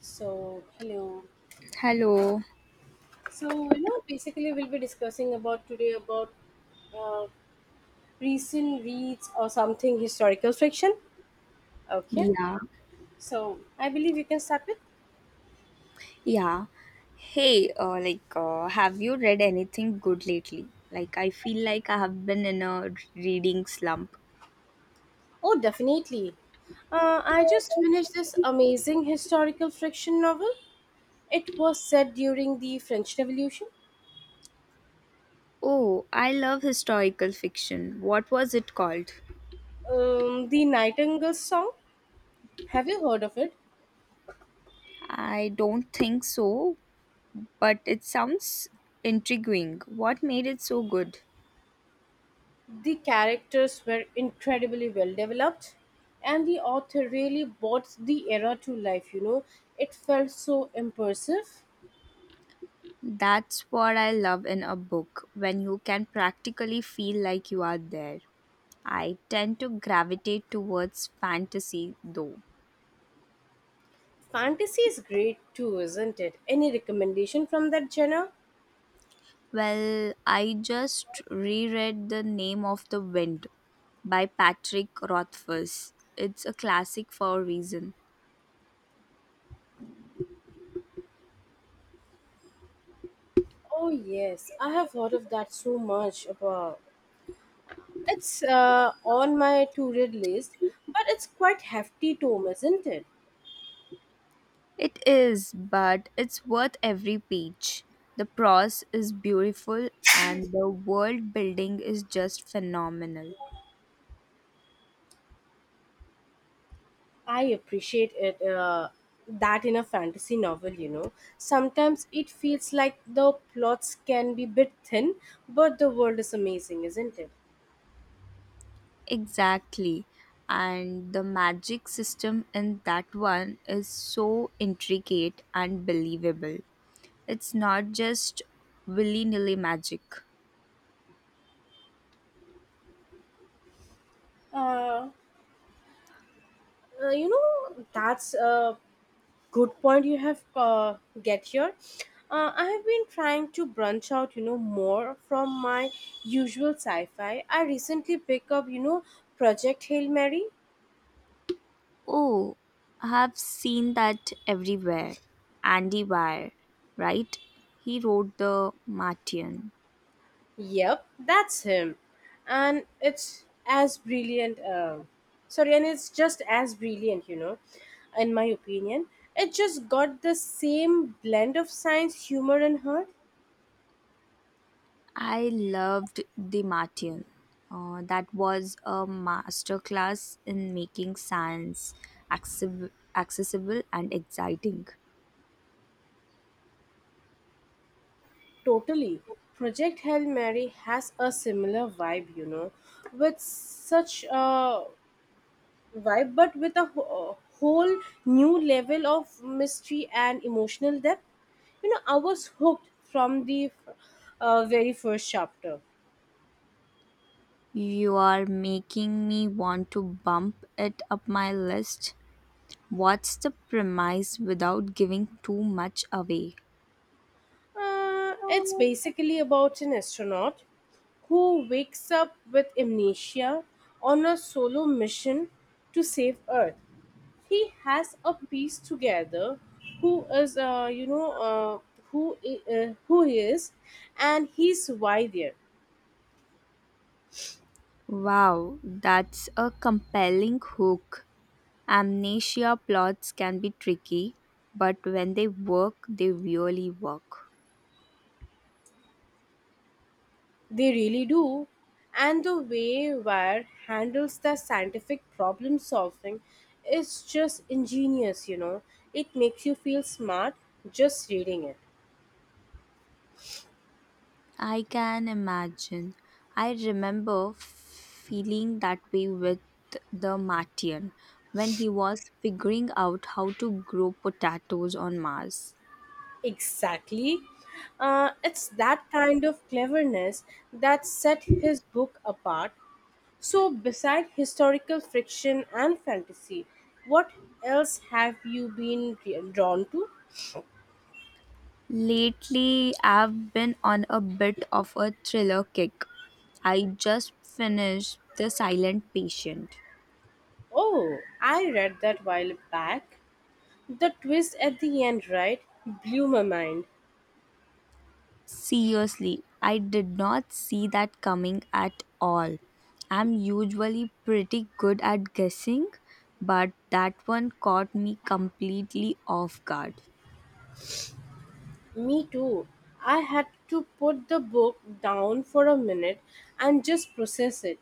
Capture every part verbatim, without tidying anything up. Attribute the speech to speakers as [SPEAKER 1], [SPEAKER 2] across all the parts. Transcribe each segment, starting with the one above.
[SPEAKER 1] So, hello.
[SPEAKER 2] Hello.
[SPEAKER 1] So, you know, basically, we'll be discussing about today about uh, recent reads or something historical fiction. Okay.
[SPEAKER 2] Yeah.
[SPEAKER 1] So, I believe you can start with.
[SPEAKER 2] Yeah. Hey, uh, like, uh, have you read anything good lately? Like, I feel like I have been in a reading slump.
[SPEAKER 1] Oh, definitely. Uh, I just finished this amazing historical fiction novel. It was set during the French Revolution.
[SPEAKER 2] Oh, I love historical fiction. What was it called?
[SPEAKER 1] Um, the Nightingale Song. Have you heard of it?
[SPEAKER 2] I don't think so, but it sounds intriguing. What made it so good?
[SPEAKER 1] The characters were incredibly well developed, and the author really brought the era to life, you know. It felt so immersive.
[SPEAKER 2] That's what I love in a book, when you can practically feel like you are there. I tend to gravitate towards fantasy, though.
[SPEAKER 1] Fantasy is great too, isn't it? Any recommendation from that genre?
[SPEAKER 2] Well, I just reread The Name of the Wind by Patrick Rothfuss. It's a classic for a reason.
[SPEAKER 1] Oh yes, I have heard of that so much about. It's uh, on my to-read list, but it's quite hefty tome, isn't it?
[SPEAKER 2] It is, but it's worth every page. The prose is beautiful and the world building is just phenomenal.
[SPEAKER 1] I appreciate it uh, that in a fantasy novel, you know. Sometimes it feels like the plots can be bit thin, but the world is amazing, isn't it?
[SPEAKER 2] Exactly. And the magic system in that one is so intricate and believable. It's not just willy nilly magic.
[SPEAKER 1] Uh, uh, you know, that's a good point you have uh, get here. Uh, I have been trying to branch out, you know, more from my usual sci-fi. I recently picked up, you know, Project Hail Mary.
[SPEAKER 2] Oh, I've seen that everywhere. Andy Weir, right? He wrote The Martian.
[SPEAKER 1] Yep, that's him. And it's as brilliant. Uh, sorry, and it's just as brilliant, you know, in my opinion. It just got the same blend of science, humor, and heart.
[SPEAKER 2] I loved The Martian. Uh, that was a masterclass in making science accessible, accessible and exciting.
[SPEAKER 1] Totally. Project Hail Mary has a similar vibe, you know, with such a vibe, but with a wh- whole new level of mystery and emotional depth. You know, I was hooked from the uh, very first chapter.
[SPEAKER 2] You are making me want to bump it up my list. What's the premise without giving too much away?
[SPEAKER 1] Uh, it's basically about an astronaut who wakes up with amnesia on a solo mission to save Earth. He has a piece together who is, uh, you know, uh, who I- uh, who he is, and he's why there.
[SPEAKER 2] Wow, that's a compelling hook. Amnesia plots can be tricky, but when they work, they really work.
[SPEAKER 1] They really do. And the way Wire handles the scientific problem solving is just ingenious, you know. It makes you feel smart just reading it.
[SPEAKER 2] I can imagine. I remember feeling that way with the Martian when he was figuring out how to grow potatoes on Mars.
[SPEAKER 1] Exactly. Uh, it's that kind of cleverness that set his book apart. So, beside historical fiction and fantasy, what else have you been drawn to?
[SPEAKER 2] Lately, I've been on a bit of a thriller kick. I just finished The Silent Patient.
[SPEAKER 1] Oh, I read that while back. The twist at the end, right, blew my mind.
[SPEAKER 2] Seriously, I did not see that coming at all. I'm usually pretty good at guessing, but that one caught me completely off guard.
[SPEAKER 1] Me too. I had to put the book down for a minute and just process it.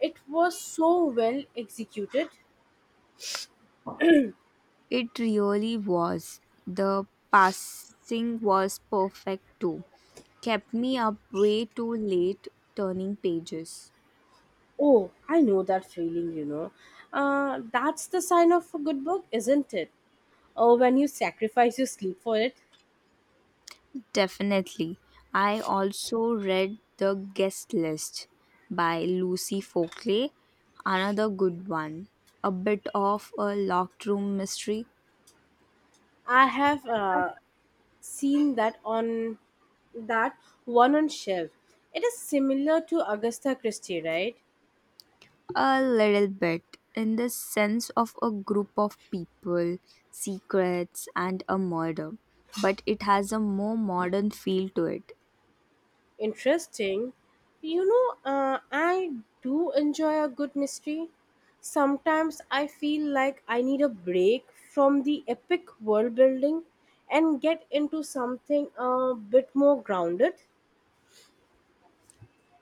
[SPEAKER 1] It was so well executed.
[SPEAKER 2] It really was. The passing was perfect too. Kept me up way too late turning pages.
[SPEAKER 1] Oh, I know that feeling, you know. Uh, that's the sign of a good book, isn't it? Oh, when you sacrifice your sleep for it.
[SPEAKER 2] Definitely. I also read The Guest List by Lucy Folkley, another good one. A bit of a locked room mystery,
[SPEAKER 1] I have uh, seen that on that one on shelf. It is similar to Augusta Christie, right?
[SPEAKER 2] a little bit, in the sense of a group of people, secrets, and a murder. But it has a more modern feel to it.
[SPEAKER 1] Interesting. You know, uh, I do enjoy a good mystery. Sometimes I feel like I need a break from the epic world building and get into something a bit more grounded.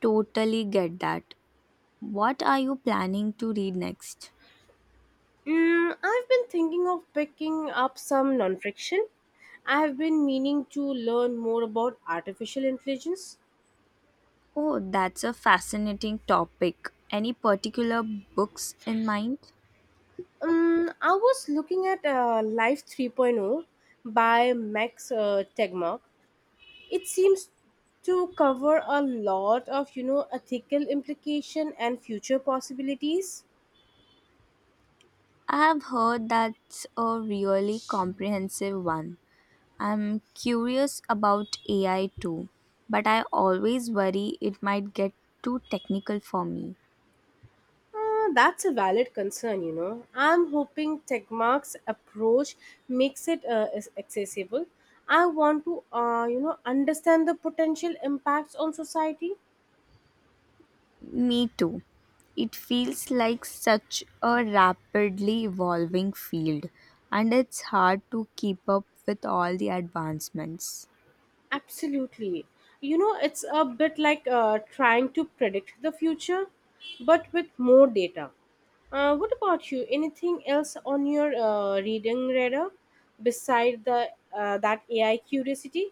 [SPEAKER 2] Totally get that. What are you planning to read next?
[SPEAKER 1] Mm, I've been thinking of picking up some non fiction. I've been meaning to learn more about artificial intelligence.
[SPEAKER 2] Oh, that's a fascinating topic. Any particular books in mind?
[SPEAKER 1] Um, I was looking at uh, Life 3.0 by Max uh, Tegmark, it seems to cover a lot of you know ethical implication and future possibilities.
[SPEAKER 2] I have heard that's a really comprehensive one. I'm curious about A I too, but I always worry it might get too technical for me.
[SPEAKER 1] Uh, that's a valid concern, you know. I'm hoping techmark's approach makes it uh, is accessible. I want to uh, you know understand the potential impacts on society.
[SPEAKER 2] Me too. It feels like such a rapidly evolving field, and it's hard to keep up with all the advancements.
[SPEAKER 1] Absolutely. You know, it's a bit like uh, trying to predict the future, but with more data. Uh, what about you? Anything else on your uh, reading radar beside the uh, that A I curiosity?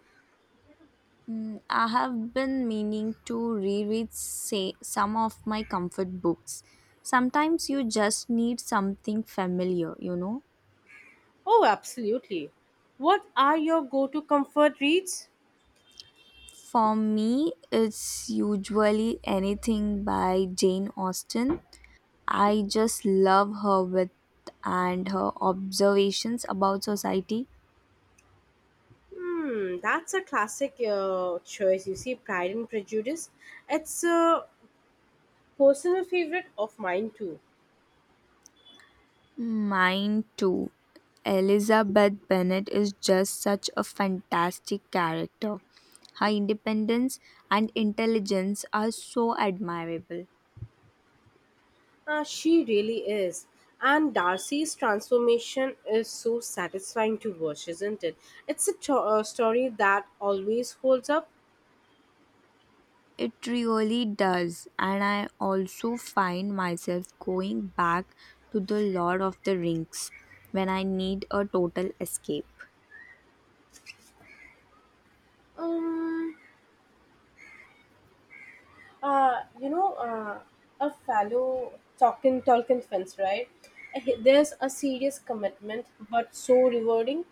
[SPEAKER 2] Mm, I have been meaning to reread say, some of my comfort books. Sometimes you just need something familiar, you know.
[SPEAKER 1] Oh, absolutely. What are your go-to comfort reads?
[SPEAKER 2] For me, it's usually anything by Jane Austen. I just love her with and her observations about society.
[SPEAKER 1] Hmm, that's a classic uh, choice. You see, Pride and Prejudice. It's a personal favorite of mine too.
[SPEAKER 2] Mine too. Elizabeth Bennet is just such a fantastic character. Her independence and intelligence are so admirable.
[SPEAKER 1] Uh, she really is. And Darcy's transformation is so satisfying to watch, isn't it? It's a to- uh, story that always holds up.
[SPEAKER 2] It really does, and I also find myself going back to the Lord of the Rings when I need a total escape.
[SPEAKER 1] Um, uh, you know, uh, a fellow talking Tolkien fans, right? Uh, he- There's a serious commitment, but so rewarding.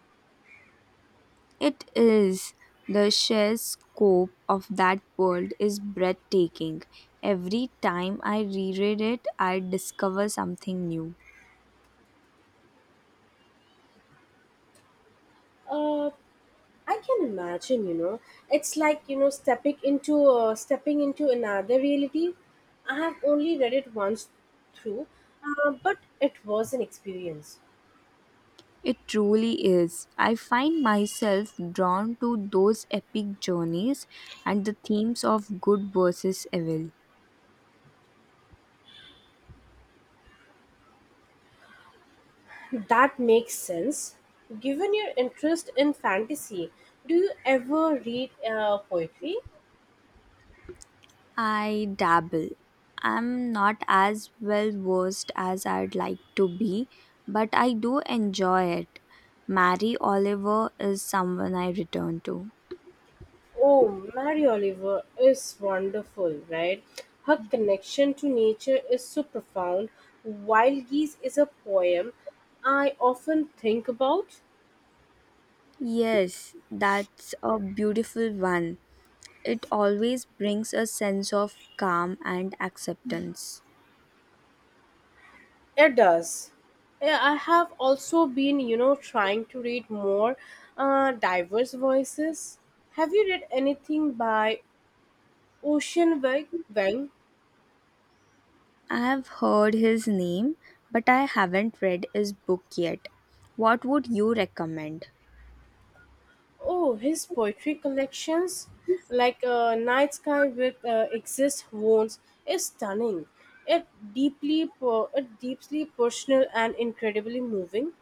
[SPEAKER 2] It is the sheer scope of that world is breathtaking. Every time I reread it, I discover something new.
[SPEAKER 1] Uh, I can imagine, you know, it's like you know stepping into uh, stepping into another reality. I have only read it once through, uh, but it was an experience.
[SPEAKER 2] It truly is. I find myself drawn to those epic journeys and the themes of good versus evil.
[SPEAKER 1] That makes sense. Given your interest in fantasy, do you ever read uh, poetry?
[SPEAKER 2] I dabble. I'm not as well versed as I'd like to be, but I do enjoy it. Mary Oliver is someone I return to.
[SPEAKER 1] Oh, Mary Oliver is wonderful, right? Her connection to nature is so profound. Wild Geese is a poem I often think about.
[SPEAKER 2] Yes, that's a beautiful one. It always brings a sense of calm and acceptance.
[SPEAKER 1] It does. Yeah, I have also been, you know, trying to read more uh, diverse voices. Have you read anything by Ocean Wang? Wang?
[SPEAKER 2] I have heard his name, but I haven't read his book yet. What would you recommend?
[SPEAKER 1] Oh, his poetry collections, like uh, Night Sky with uh, Exist Wounds, is stunning. It deeply, per- it deeply personal and incredibly moving.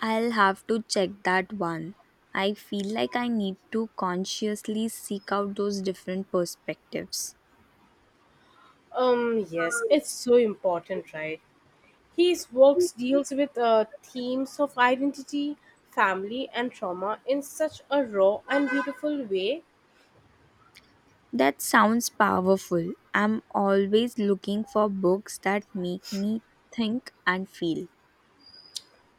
[SPEAKER 2] I'll have to check that one. I feel like I need to consciously seek out those different perspectives.
[SPEAKER 1] Um, yes, it's so important, right? His works deals with uh, themes of identity, family, and trauma in such a raw and beautiful way.
[SPEAKER 2] That sounds powerful. I'm always looking for books that make me think and feel.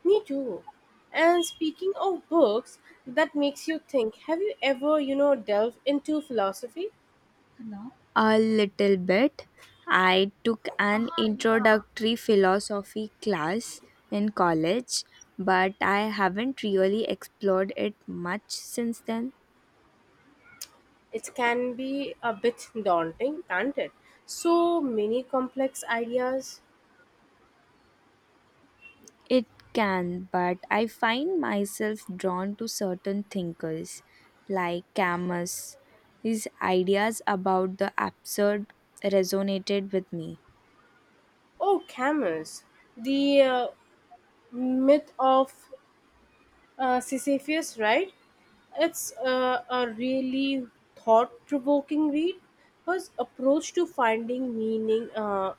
[SPEAKER 1] Me too. And speaking of books that makes you think, have you ever, you know, delved into philosophy?
[SPEAKER 2] A little bit. I took an introductory philosophy class in college, but I haven't really explored it much since then.
[SPEAKER 1] It can be a bit daunting, can't it? So many complex ideas.
[SPEAKER 2] It can, but I find myself drawn to certain thinkers like Camus. His ideas about the absurd resonated with me.
[SPEAKER 1] Oh, Camus, the uh, myth of uh, Sisyphus, right? It's uh, a really thought provoking read. His approach to finding meaning uh,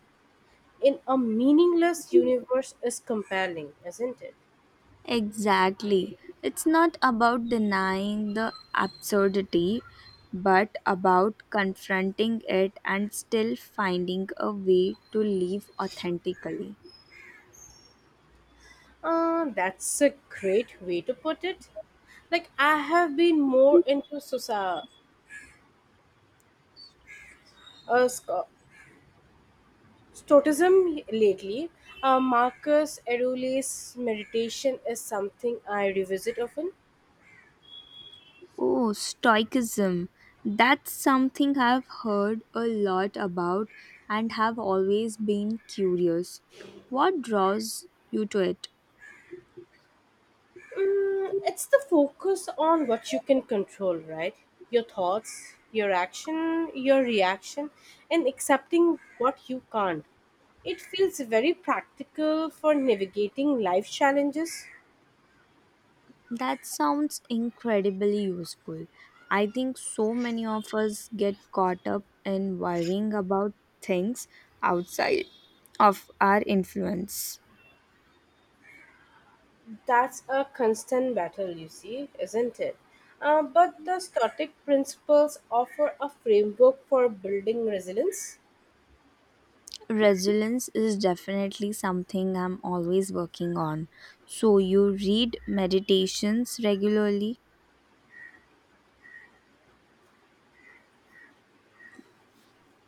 [SPEAKER 1] in a meaningless universe is compelling, isn't it?
[SPEAKER 2] Exactly. It's not about denying the absurdity, but about confronting it and still finding a way to live authentically.
[SPEAKER 1] Uh, that's a great way to put it. Like, I have been more into soci- uh, sco- Stoicism lately. Uh, Marcus Aurelius' meditation is something I revisit often.
[SPEAKER 2] Oh, Stoicism. That's something I've heard a lot about and have always been curious. What draws you to it?
[SPEAKER 1] Mm, it's the focus on what you can control, right? Your thoughts, your action, your reaction, and accepting what you can't. It feels very practical for navigating life challenges.
[SPEAKER 2] That sounds incredibly useful. I think so many of us get caught up in worrying about things outside of our influence.
[SPEAKER 1] That's a constant battle, you see, isn't it? Uh, but the Stoic principles offer a framework for building resilience.
[SPEAKER 2] Resilience is definitely something I'm always working on. So, you read meditations regularly?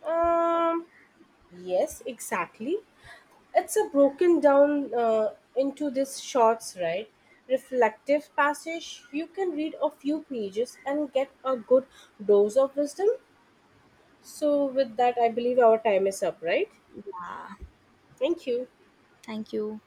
[SPEAKER 1] Um, yes, exactly. It's a broken down uh, into these shorts, right? Reflective passage. You can read a few pages and get a good dose of wisdom. So, with that, I believe our time is up, right?
[SPEAKER 2] Ah,
[SPEAKER 1] Thank you.
[SPEAKER 2] thank you.